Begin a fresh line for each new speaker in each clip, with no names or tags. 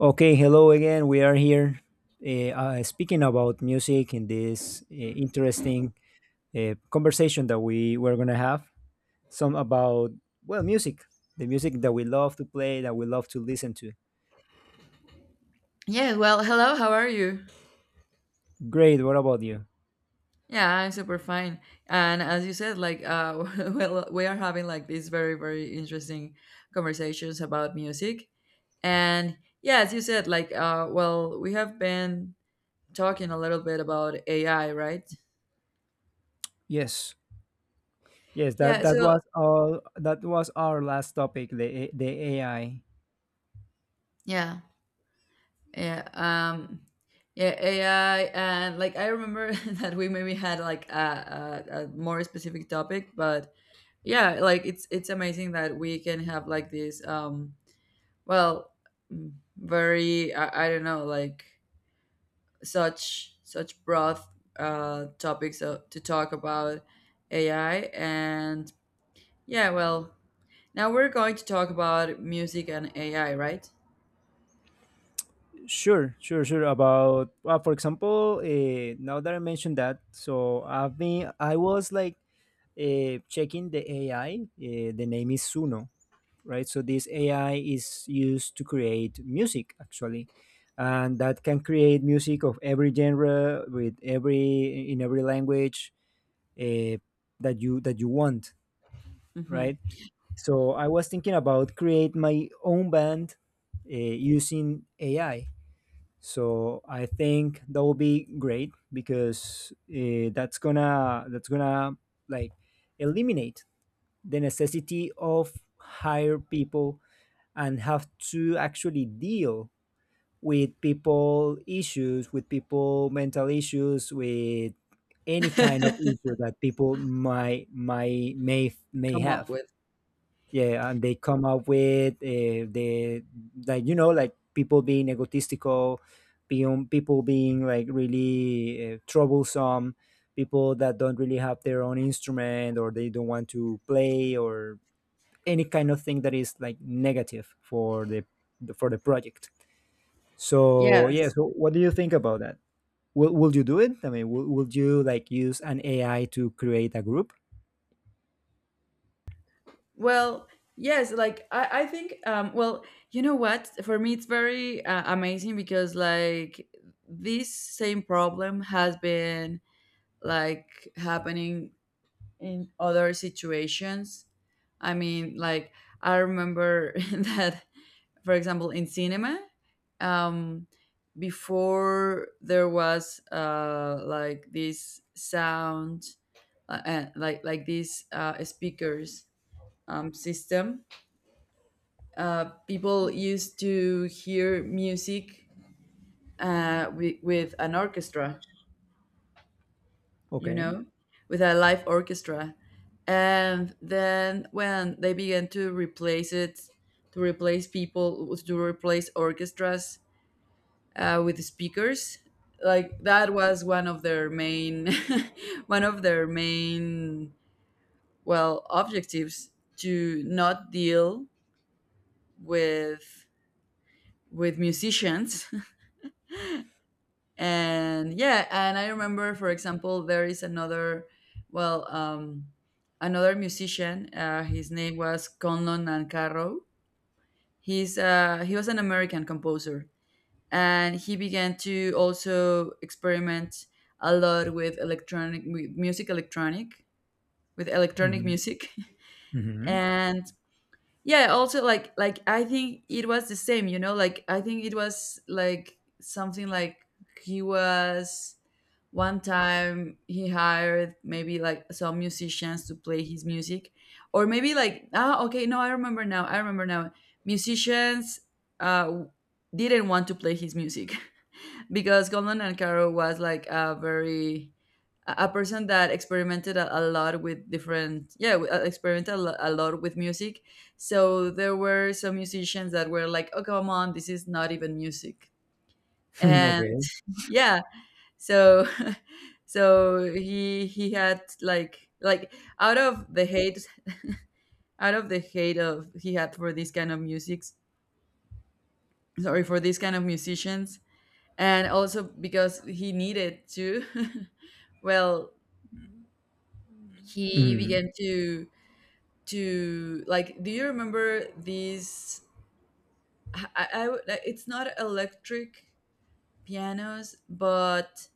Okay, hello again. We are here speaking about music in this interesting conversation that we were going to have. Some about, well, music, the music that we love to play, that we love to listen to.
Yeah, well, hello, how are you?
Great. What about you?
Yeah, I'm super fine. And as you said, like, well, we are having like these very, very interesting conversations about music. And yeah, as you said, like, well, we have been talking a little bit about AI, right?
Yes. Yes, that,
Yeah,
that
so
was all. That was our last topic, the AI.
yeah, yeah, yeah, AI. And like, I remember that we maybe had like a more specific topic, but yeah, like, it's amazing that we can have like this, well, very I don't know, like such broad topics to talk about AI. And yeah, well, now we're going to talk about music and AI, right?
Sure, sure, sure. About, well, for example, now that I mentioned that, so I was like checking the AI. The name is Suno, right? So this AI is used to create music actually, and that can create music of every genre with every in every language uh, that you want,
Hmm.
right? So I was thinking about create my own band using AI. So I think that will be great because that's gonna like eliminate the necessity of hire people and have to actually deal with people issues with people mental issues with any kind of issue that people might may
Come up
have.
with,
Yeah, and they come up with the like like people being egotistical, being people being like really troublesome, people that don't really have their own instrument or they don't want to play or any kind of thing that is like negative for the project. So yeah,
yes,
so what do you think about that? Will you do it? I mean, will you like use an AI to create a group?
well, yes, like I think, well, you know what, for me it's very amazing, because like this same problem has been like happening in other situations. I mean, like I remember that, for example, in cinema, um, before there was like this sound, like these speakers, system, people used to hear music with an orchestra, you
Okay.
know, with a live orchestra. And then when they began to replace it, to replace people, to replace orchestras with speakers, like that was one of their main, one of their main, well, objectives, to not deal with with musicians. And yeah, and I remember, for example, there is another, well, another musician. His name was Conlon Nancarrow. He's he was an American composer, and he began to also experiment a lot with electronic music, electronic, with electronic
Hmm.
music.
Hmm.
And yeah, also, like I think it was the same, you know, like I think it was like something like he was, one time he hired maybe like some musicians to play his music. Or maybe like, ah, okay, no, I remember now, I remember now. Musicians uh didn't want to play his music, because Golden Ankaro was like a very, a person that experimented a lot with different, yeah, experimented a lot with music. So there were some musicians that were like, oh, come on, this is not even music. And
Okay.
yeah, so so he had like out of the hate, out of the hate of he had for this kind of music, sorry, for these kind of musicians, and also because he needed to. Well, he
Hmm.
began to, like, do you remember these, like, it's not electric pianos but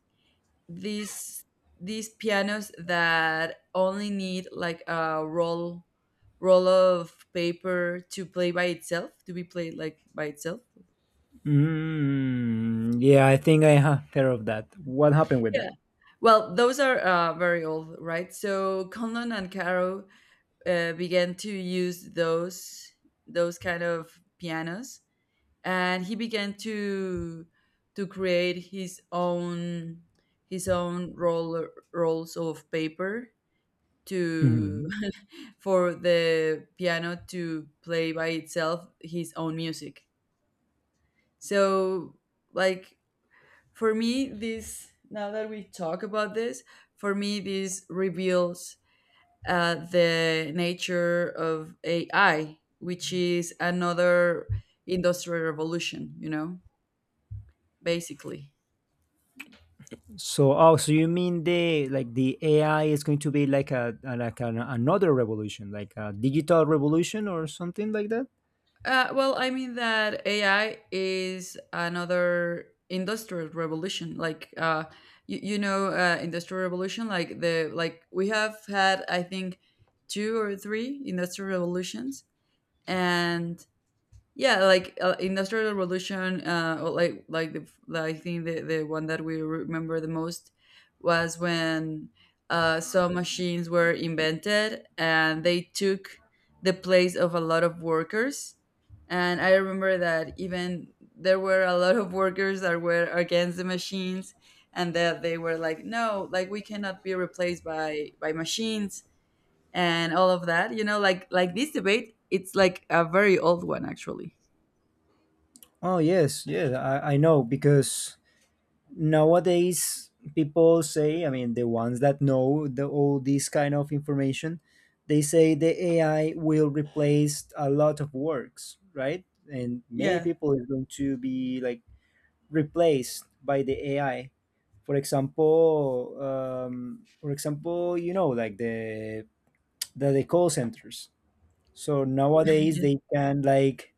these these pianos that only need like a roll, of paper to play by itself, to be played like by itself.
Mm, yeah, I think I have heard of that. What happened with that?
Yeah, well, those are very old, right? So Conlon and Caro began to use those, kind of pianos. And he began to, create his own, his own roll, rolls of paper
Mm-hmm.
to for the piano to play by itself his own music. So like, for me this, now that we talk about this, for me this reveals the nature of AI, which is another industrial revolution, you know, basically.
So, oh, so you mean the like the AI is going to be like another revolution, like a digital revolution or something like that?
Well, I mean that AI is another industrial revolution. Like, you know, industrial revolution. Like the like we have had, I think, two or three industrial revolutions. And yeah, like Industrial Revolution, or like the I think the one that we remember the most was when some machines were invented and they took the place of a lot of workers. And I remember that even there were a lot of workers that were against the machines, and that they were like, "No, like we cannot be replaced by machines," and all of that. You know, like this debate, it's like a very old one actually.
Oh yes, yes, I know because nowadays people say, I mean, the ones that know the all this kind of information, they say the AI will replace a lot of works, right? And many
Yeah.
people is going to be like replaced by the AI. For example, like the call centers. So nowadays
Yes.
they can like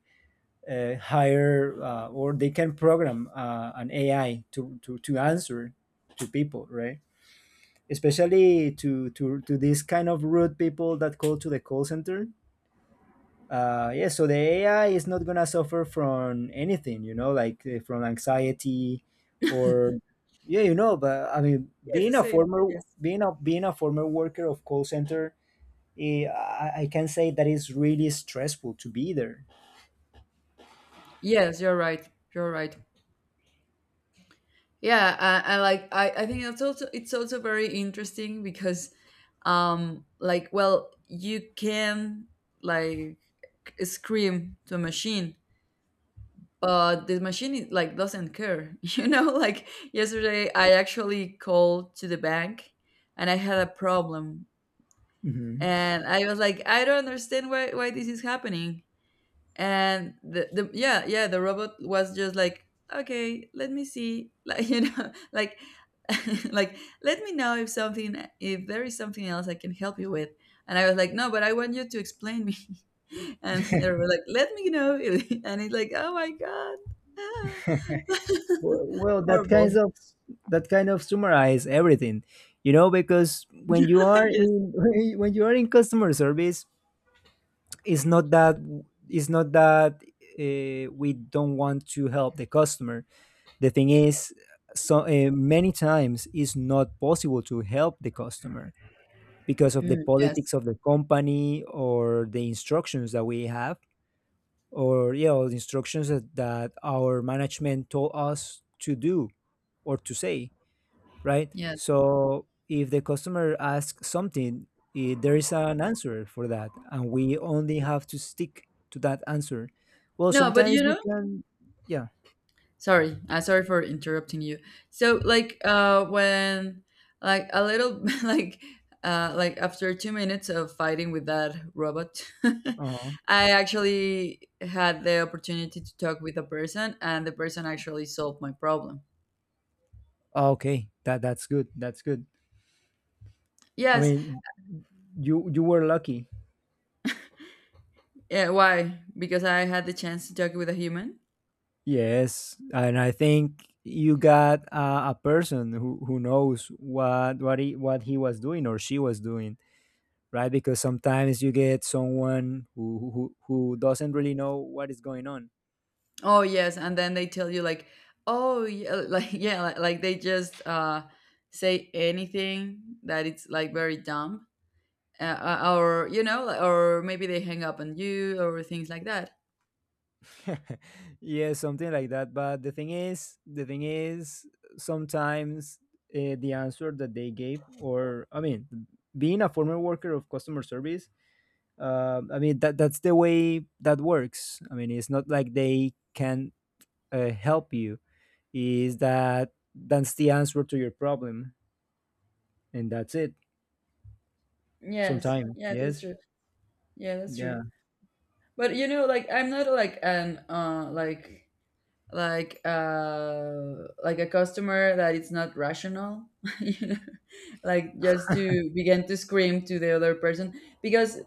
hire or they can program an AI to answer to people, right? Especially to these kind of rude people that call to the call center yeah, so the AI is not gonna suffer from anything, like from anxiety or yeah. But I mean,
Yeah, it's the same. Yes.
being a former worker of call center, I can say that it's really stressful to be there.
Yes, you're right. You're right. Yeah, I like I think it's also very interesting, because like, well, you can like scream to a machine, but the machine is, like, doesn't care. You know, like yesterday I actually called to the bank and I had a problem,
Mhm.
and I was like, I don't understand why this is happening. And the yeah, yeah, the robot was just like, okay, let me see. Like, you know, like like, let me know if something, if there is something else I can help you with. And I was like, no, but I want you to explain me. And they were like, let me know if, and it's like, oh my god.
Well, that kind
Horrible.
of that kind of summarize everything, because when you are
Yes.
in when you are in customer service, it's not that it's not that we don't want to help the customer, the thing is, so many times it's not possible to help the customer because of the
Mm, yes.
politics of the company or the instructions that we have or yeah or the instructions that our management told us to do or to say, right?
Yes.
So if the customer asks something, there is an answer for that, and we only have to stick to that answer. Well,
No, but
sometimes
you
you
know,
can, yeah,
sorry, sorry for interrupting you. So like, when, like a little, like, like after 2 minutes of fighting with that robot,
uh
I actually had the opportunity to talk with a person, and the person actually solved my problem.
okay, that's good, that's good. I
Yes.
mean, you were lucky.
Yeah, why? Because I had the chance to talk with a human.
Yes, and I think you got a person who knows what he was doing or she was doing, right? Because sometimes you get someone who doesn't really know what is going on.
Oh yes, and then they tell you like, oh yeah, like yeah, like they just say anything that it's like very dumb, or you know, or maybe they hang up on you or things like that.
Yeah, something like that. But the thing is, sometimes the answer that they gave, or I mean, being a former worker of customer service, I mean that that's the way that works. I mean, it's not like they can help you, is that that's the answer to your problem, and that's it.
Yes,
Sometimes,
yeah, that's
yes.
true. Yeah, that's true.
Yeah,
But you know, like, I'm not like an like, like uh like a customer that it's not rational, you know, like just to begin to scream to the other person, because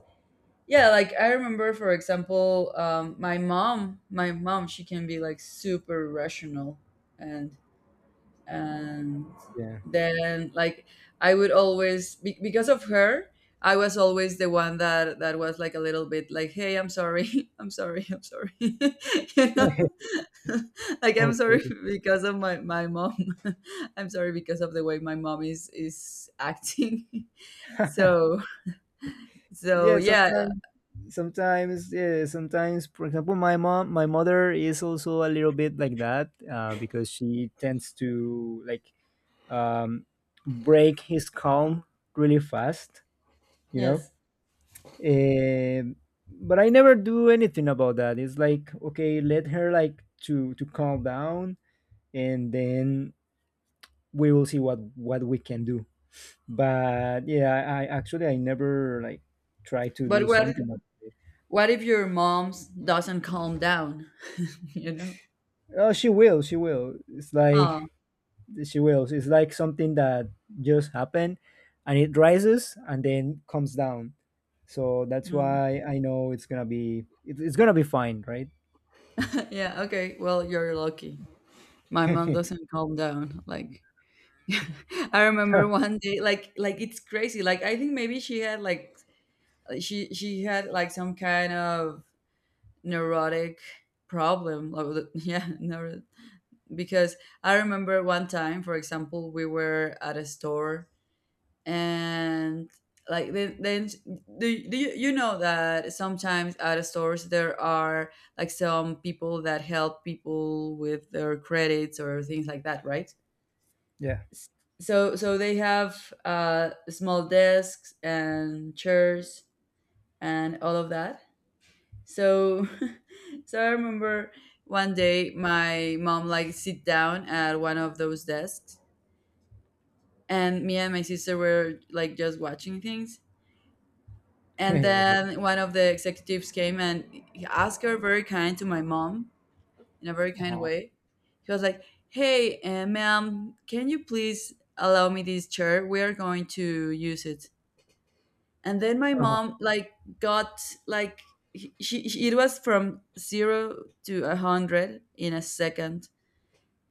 yeah, like I remember, for example, my mom she can be like super rational. And and
yeah.
then like I would always because of her I was always the one that was like a little bit like, hey, I'm sorry, I'm sorry, I'm sorry, you know, like I'm
Okay,
sorry, because of my mom. I'm sorry because of the way my mom is acting. So, so
yeah.
yeah.
Sometimes, yeah, sometimes, for example, my mother is also a little bit like that because she tends to like um, break his calm really fast you know
Yes.
Um but I never do anything about that. It's like, okay, let her like to calm down, and then we will see what we can do. But yeah, I actually I never like try to do
But what
something about it.
what if your mom doesn't calm down? You know?
Oh, she will, she will. It's like
Oh,
she will. It's like something that just happened, and it rises and then comes down. So that's
mm.
why I know it's gonna be fine, right?
Yeah, okay, well, you're lucky. My mom doesn't calm down, like. I remember one day, like it's crazy, like I think maybe she had like, she had like some kind of neurotic problem, like, yeah, because I remember one time, for example, we were at a store. And like then do, do you know that sometimes at the stores there are like some people that help people with their credits or things like that, right?
Yeah.
So so they have small desks and chairs and all of that. So so I remember one day my mom like sit down at one of those desks, and me and my sister were like just watching things. And
Okay.
then one of the executives came and he asked her very kind to my mom, in a very kind
Uh-huh.
way. He was like, hey, ma'am, can you please allow me this chair, we are going to use it. And then my
Uh-huh.
mom like got like, she, it was from zero to a hundred in a second,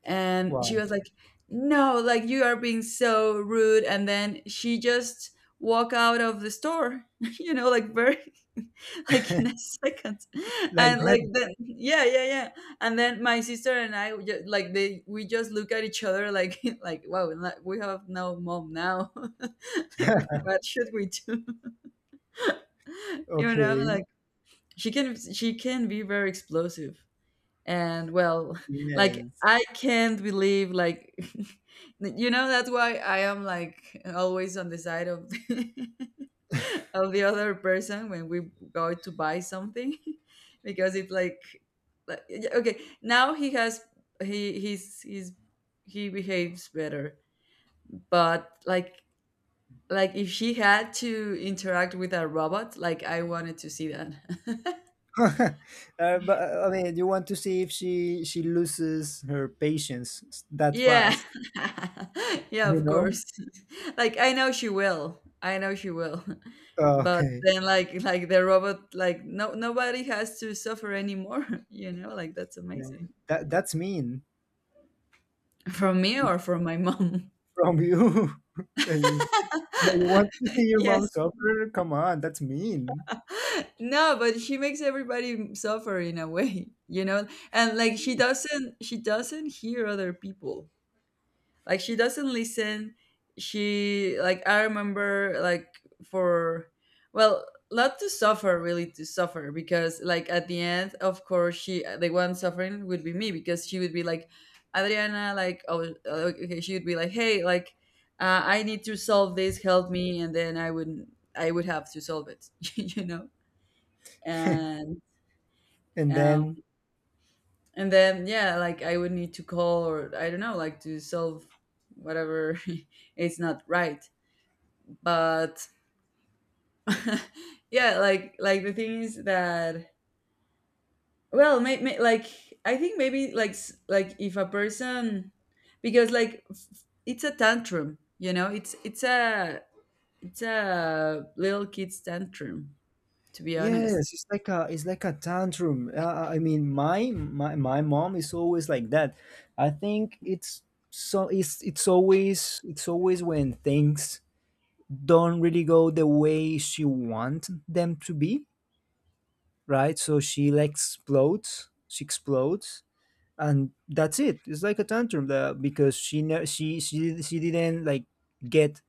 and she
Wow.
was like, no, like, you are being so rude. And then she just walk out of the store. You know, like, very, like, in a second.
Like
And like
that.
then, yeah, yeah, yeah. And then my sister and I just, like they we just look at each other like, like, wow, like, we have no mom now. Like, what should we do? You know,
Okay.
like, she can be very explosive. And, well, like
Yes.
I can't believe, like, you know, that's why I am like always on the side of of the other person when we go to buy something, because it's like yeah, okay, now he has, he's, he behaves better. But like if she had to interact with a robot, like I wanted to see that.
But I mean, you want to see if she loses her patience that
Yeah.
fast,
Yeah,
you
of
know?
course. Like, I know she will. I know she will.
Oh,
But
okay,
then like the robot like, no, nobody has to suffer anymore. You know? Like, that's
yeah,
amazing.
that's mean
From me or from my mom?
from you. yeah, you yeah, you want to see your mom
Yes.
suffer? Come on, that's mean.
No, but she makes everybody suffer in a way, you know? And like she doesn't hear other people. Like she doesn't listen. She, like, I remember, like, for— well, not to suffer, really to suffer, because, like, at the end, of course, she— the one suffering would be me, because she would be like, Adriana, like, oh, okay. She would be like, hey, like, I need to solve this, help me, and then I would have to solve it and
And
um
then,
and then, yeah, like, I would need to call or I don't know, like, to solve whatever it's not right. But yeah, like the thing is that, well, like, I think maybe, like, like, if a person, because, like, it's a tantrum, it's a little kid's tantrum, to be honest.
yes, it's like a tantrum. I mean, my mom is always like that. I think it's so, it's always when things don't really go the way she wants them to be, right? So she like explodes, she explodes, and that's it. It's like a tantrum that, because she didn't like get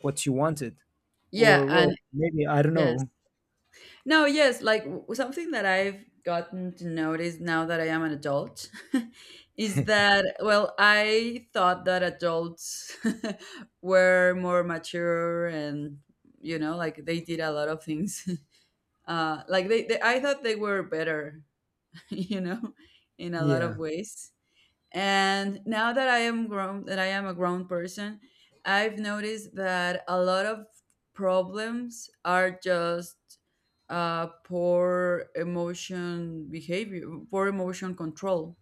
what she wanted,
Yeah.
or
And
well, maybe I don't
yes.
know.
No, yes, like, something that I've gotten to notice now that I am an adult is that, well, I thought that adults were more mature and, like, they did a lot of things. Like, I thought they were better, you know, in a lot
Yeah.
of ways. And now that I am grown, that I am a grown person, I've noticed that a lot of problems are just poor emotion behavior, poor emotion control.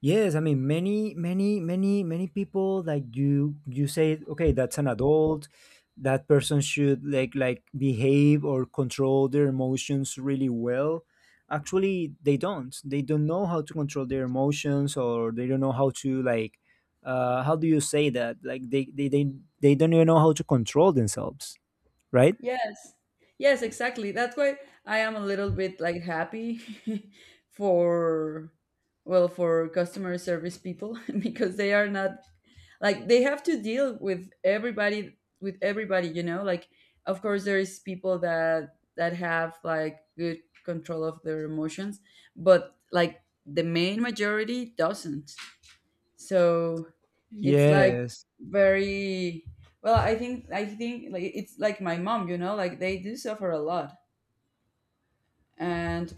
Yes, I mean, many, many, many, many people like you say, okay, that's an adult. That person should like behave or control their emotions really well. Actually, they don't. They don't know how to control their emotions, or they don't know how to like how do you say that? Like they don't even know how to control themselves, right?
Yes, yes, exactly. That's why I am a little bit like happy for, well, for customer service people because they are not— like, they have to deal with everybody, with everybody, like, of course, there is people that have like good control of their emotions, but like the main majority doesn't. So it's like
Yes.
very— well, I think like it's like my mom, like they do suffer a lot. and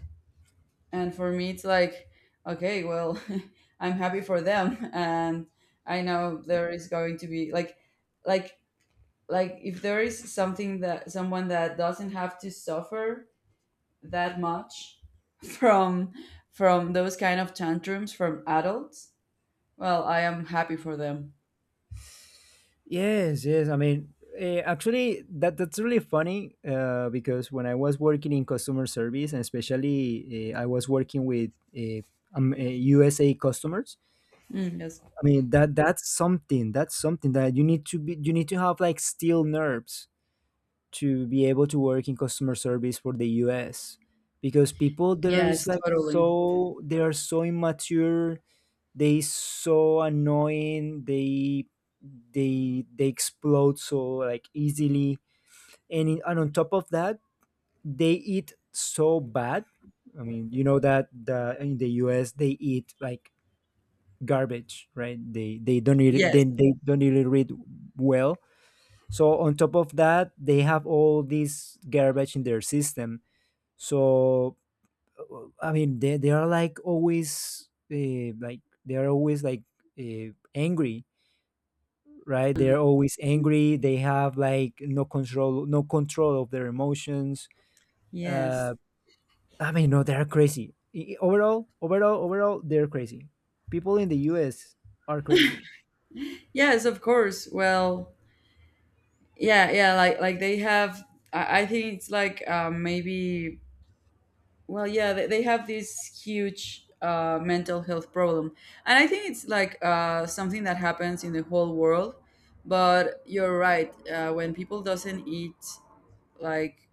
and for me it's like, okay, well, I'm happy for them. And I know there is going to be like like if there is something— that someone— that doesn't have to suffer that much from from those kind of tantrums from adults. Well, I am happy for them.
Yes, yes. I mean, actually, that's really funny because when I was working in customer service, and especially I was working with uh, USA customers.
Mm, yes.
I mean, that that's something. That's something that you need to be. You need to have like steel nerves to be able to work in customer service for the US, because people there is
Yes,
like
totally.
so they are so immature, they so annoying, they explode so like easily, and, and on top of that they eat so bad. I mean, you know that the in the US they eat like garbage, right? they they don't really they,
Yes,
they don't really read well. So on top of that they have all this garbage in their system, so I mean they are like always like they are always like angry right? They're always angry. They have like no control, no control of their emotions.
yes,
Uh, I mean, no, they're crazy. Overall, overall, overall, they're crazy. People in the U.S. are crazy.
yes, of course. Well, yeah, yeah, like they have— I think it's like, maybe— well, yeah, they have this huge mental health problem. And I think it's like, something that happens in the whole world. But you're right. When people doesn't eat, like,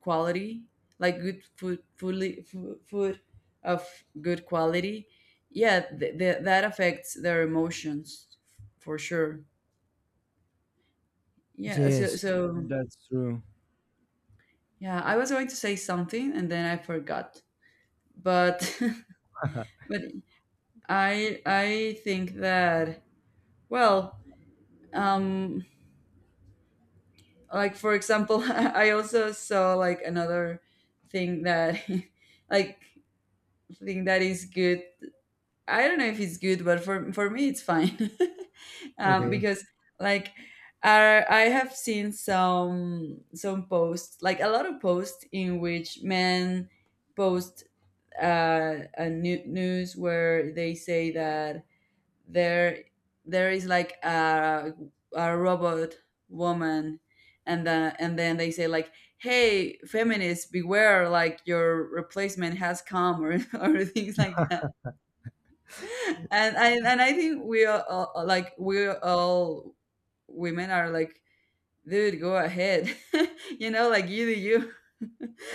quality, like good food, food of good quality, yeah, that affects their emotions, for sure. Yeah. So,
Yes,
so
that's true.
yeah, I was going to say something and then I forgot. But but I think that, well, um, like, for example I also saw, like, another thing that like, thing that is good. I don't know if it's good, but for me it's fine
Okay.
because— like, I have seen some posts, like a lot of posts in which men post a new news where they say that there there is, like, a robot woman, and then they say like, hey feminists, beware, like your replacement has come, or things like that. And I think we all, like we all women are like, dude, go ahead. You know, like, you do you.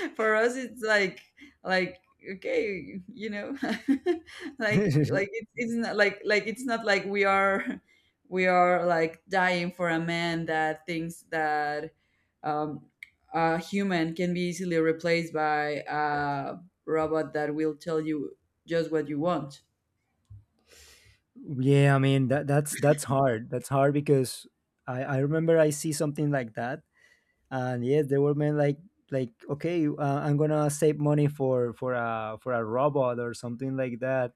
For us, it's like— like okay, you know, like like it's not like— it's not like we are we are, like, dying for a man that thinks that um, a human can be easily replaced by a robot that will tell you just what you want.
Yeah, I mean that's hard. That's hard because I remember I see something like that, and yes, there were men like okay, I'm gonna save money for for a robot or something like that.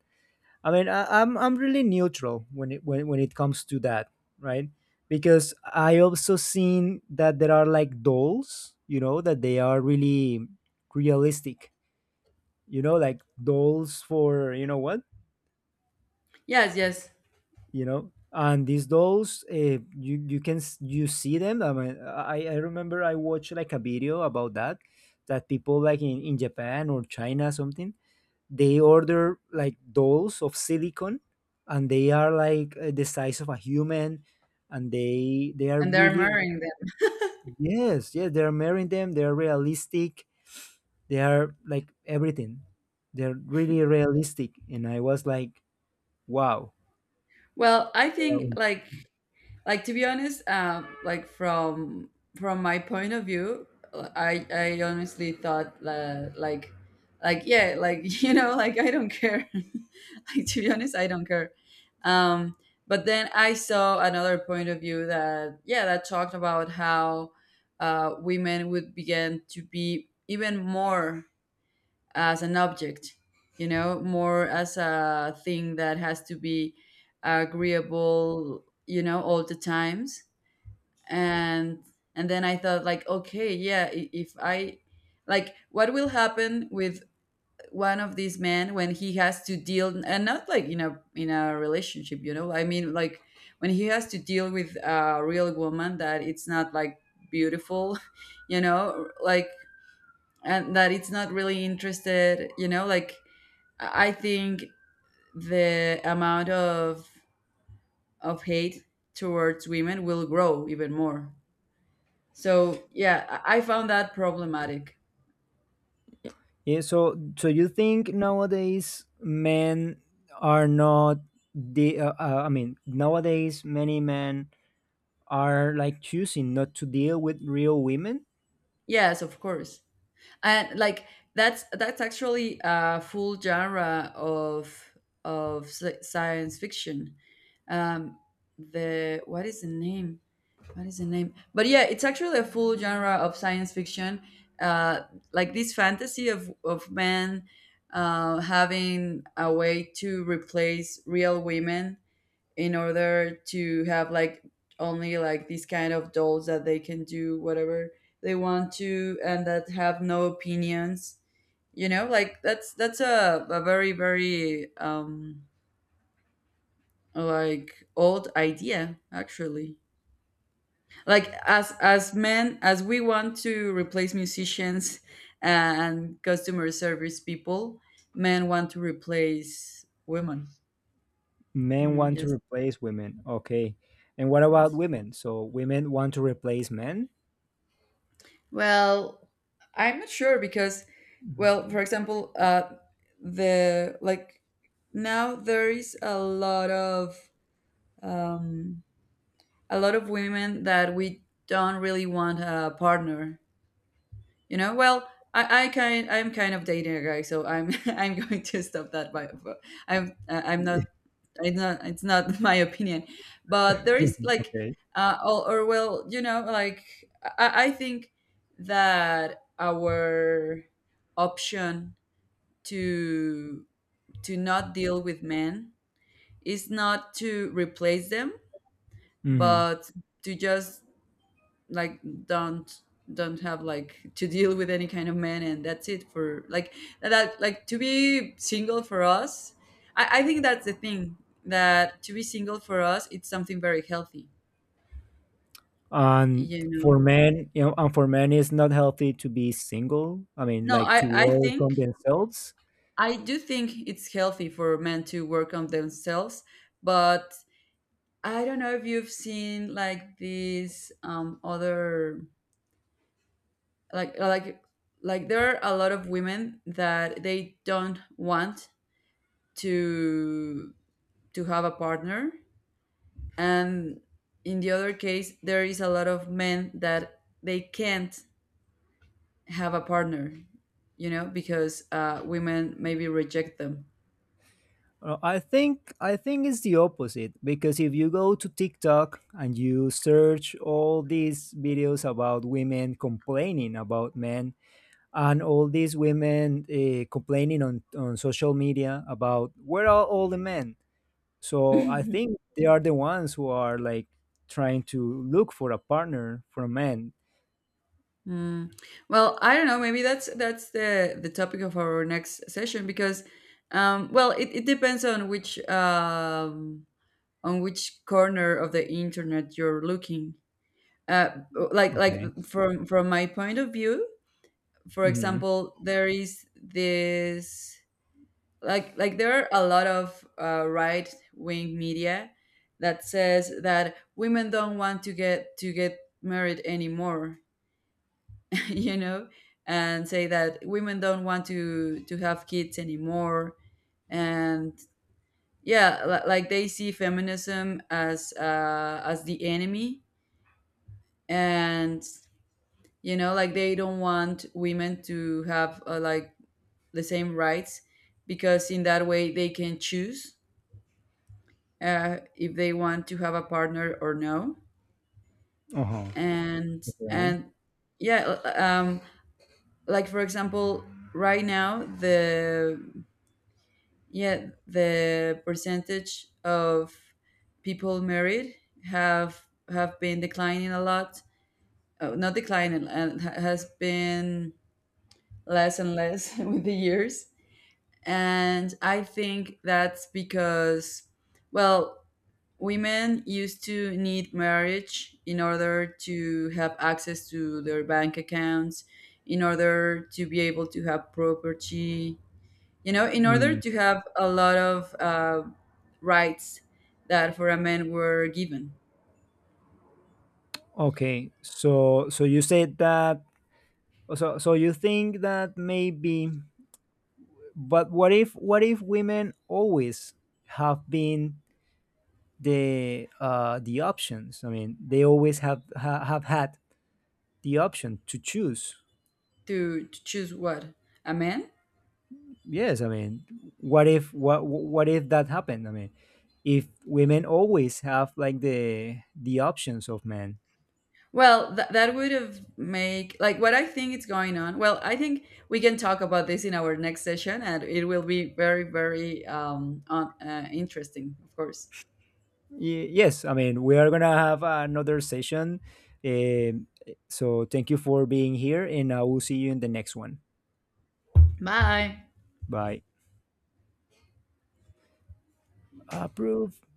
I mean, I'm really neutral when it comes to that, right? Because I also seen that there are like dolls, that they are really realistic, like dolls for you know what,
Yes, yes,
and these dolls, you you can s- you see them. I mean, I remember I watched like a video about that, that people like in Japan or China something, they order like dolls of silicone, and they are like the size of a human, and they are
and they're
really.
marrying them.
Yes, yes, they're marrying them. They're realistic. They are like everything. They're really realistic, and I was like, wow.
Well, I think
Wow.
like— to be honest, like, from my point of view, I honestly thought, like— like, yeah, like like, I don't care, like, to be honest, I don't care. um but then I saw another point of view that— yeah, that talked about how women would begin to be even more as an object, more as a thing that has to be agreeable, all the times. And and then I thought like, okay, yeah, if I— like, what will happen with one of these men when he has to deal— and not like in a relationship, you know? I mean, like, when he has to deal with a real woman that it's not like beautiful, like, and that it's not really interested, like, I think the amount of hate towards women will grow even more. So yeah, I found that problematic.
Yeah, so, you think nowadays men are not the I mean, nowadays many men are like choosing not to deal with real women.
Yes, of course. And like, that's actually a full genre of— science fiction. um the— what is the name, what is the name— but yeah, it's actually a full genre of science fiction. uh, like, this fantasy of, men having a way to replace real women in order to have like, only like, these kind of dolls that they can do whatever they want to and that have no opinions, like, that's a very, very like old idea, actually. Like, as men, as we want to replace musicians and customer service people, men want to replace women.
Men
Women,
want to
yes.
replace women. Okay. And what about
Yes,
women? So women want to replace men?
well, I'm not sure because— well,
Mhm.
for example, the— like, now there is a lot of um women that we don't really want a partner. Well, I'm kind of dating a guy, so I'm I'm going to stop that. By But I'm
Yeah.
not— it's not my opinion, but there is, like,
Okay.
or, well, like, I think that our option to to not deal with men is not to replace them,
Hmm.
but to just, like, don't don't have, like, to deal with any kind of man, and that's it. For like— that, like, to be single for us— I think that's the thing: that to be single for us, it's something very healthy.
And
you know
for men, you know, and for men, it's not healthy to be single. I mean,
no,
like
i
to
i
work
think—
on themselves.
I do think it's healthy for men to work on themselves, but I don't know if you've seen like these other, like like like there are a lot of women that they don't want to to have a partner, and in the other case there is a lot of men that they can't have a partner, because women maybe reject them.
I think it's the opposite because if you go to TikTok and you search all these videos about women complaining about men, and all these women complaining on social media about where are all the men, so I think they are the ones who are like trying to look for a partner for a man.
Mm. Well, I don't know. Maybe that's the topic of our next session because, well, it depends on which on which corner of the internet you're looking. Uh, like— like
Okay.
from my point of view, for
Hmm.
example, there is this— like— there are a lot of right wing media that says that women don't want to get— married anymore, you know, and say that women don't want to have kids anymore, and yeah, like, they see feminism as— as the enemy, and like, they don't want women to have, like, the same rights, because in that way they can choose if they want to have a partner or no.
Uh-huh.
and
Okay.
and yeah, um, like, for example, right now the— yeah, the percentage of people married have been declining a lot, not declining— and has been less and less with the years. And I think that's because— well, women used to need marriage in order to have access to their bank accounts, in order to be able to have property, in order
Mm.
to have a lot of rights that for a man were given.
Okay, so, you said that, so you think that maybe but what if women always have been the options. I mean, they always have had the option to choose.
To choose what? A man?
Yes, I mean, what if that happened? I mean, if women always have like the options of men.
Well, that would have make, like, what I think is going on. Well, I think we can talk about this in our next session, and it will be very, very interesting, of course.
Yes, I mean, we are gonna have another session. Um so, thank you for being here, and I will see you in the next one.
Bye.
Bye. Approve.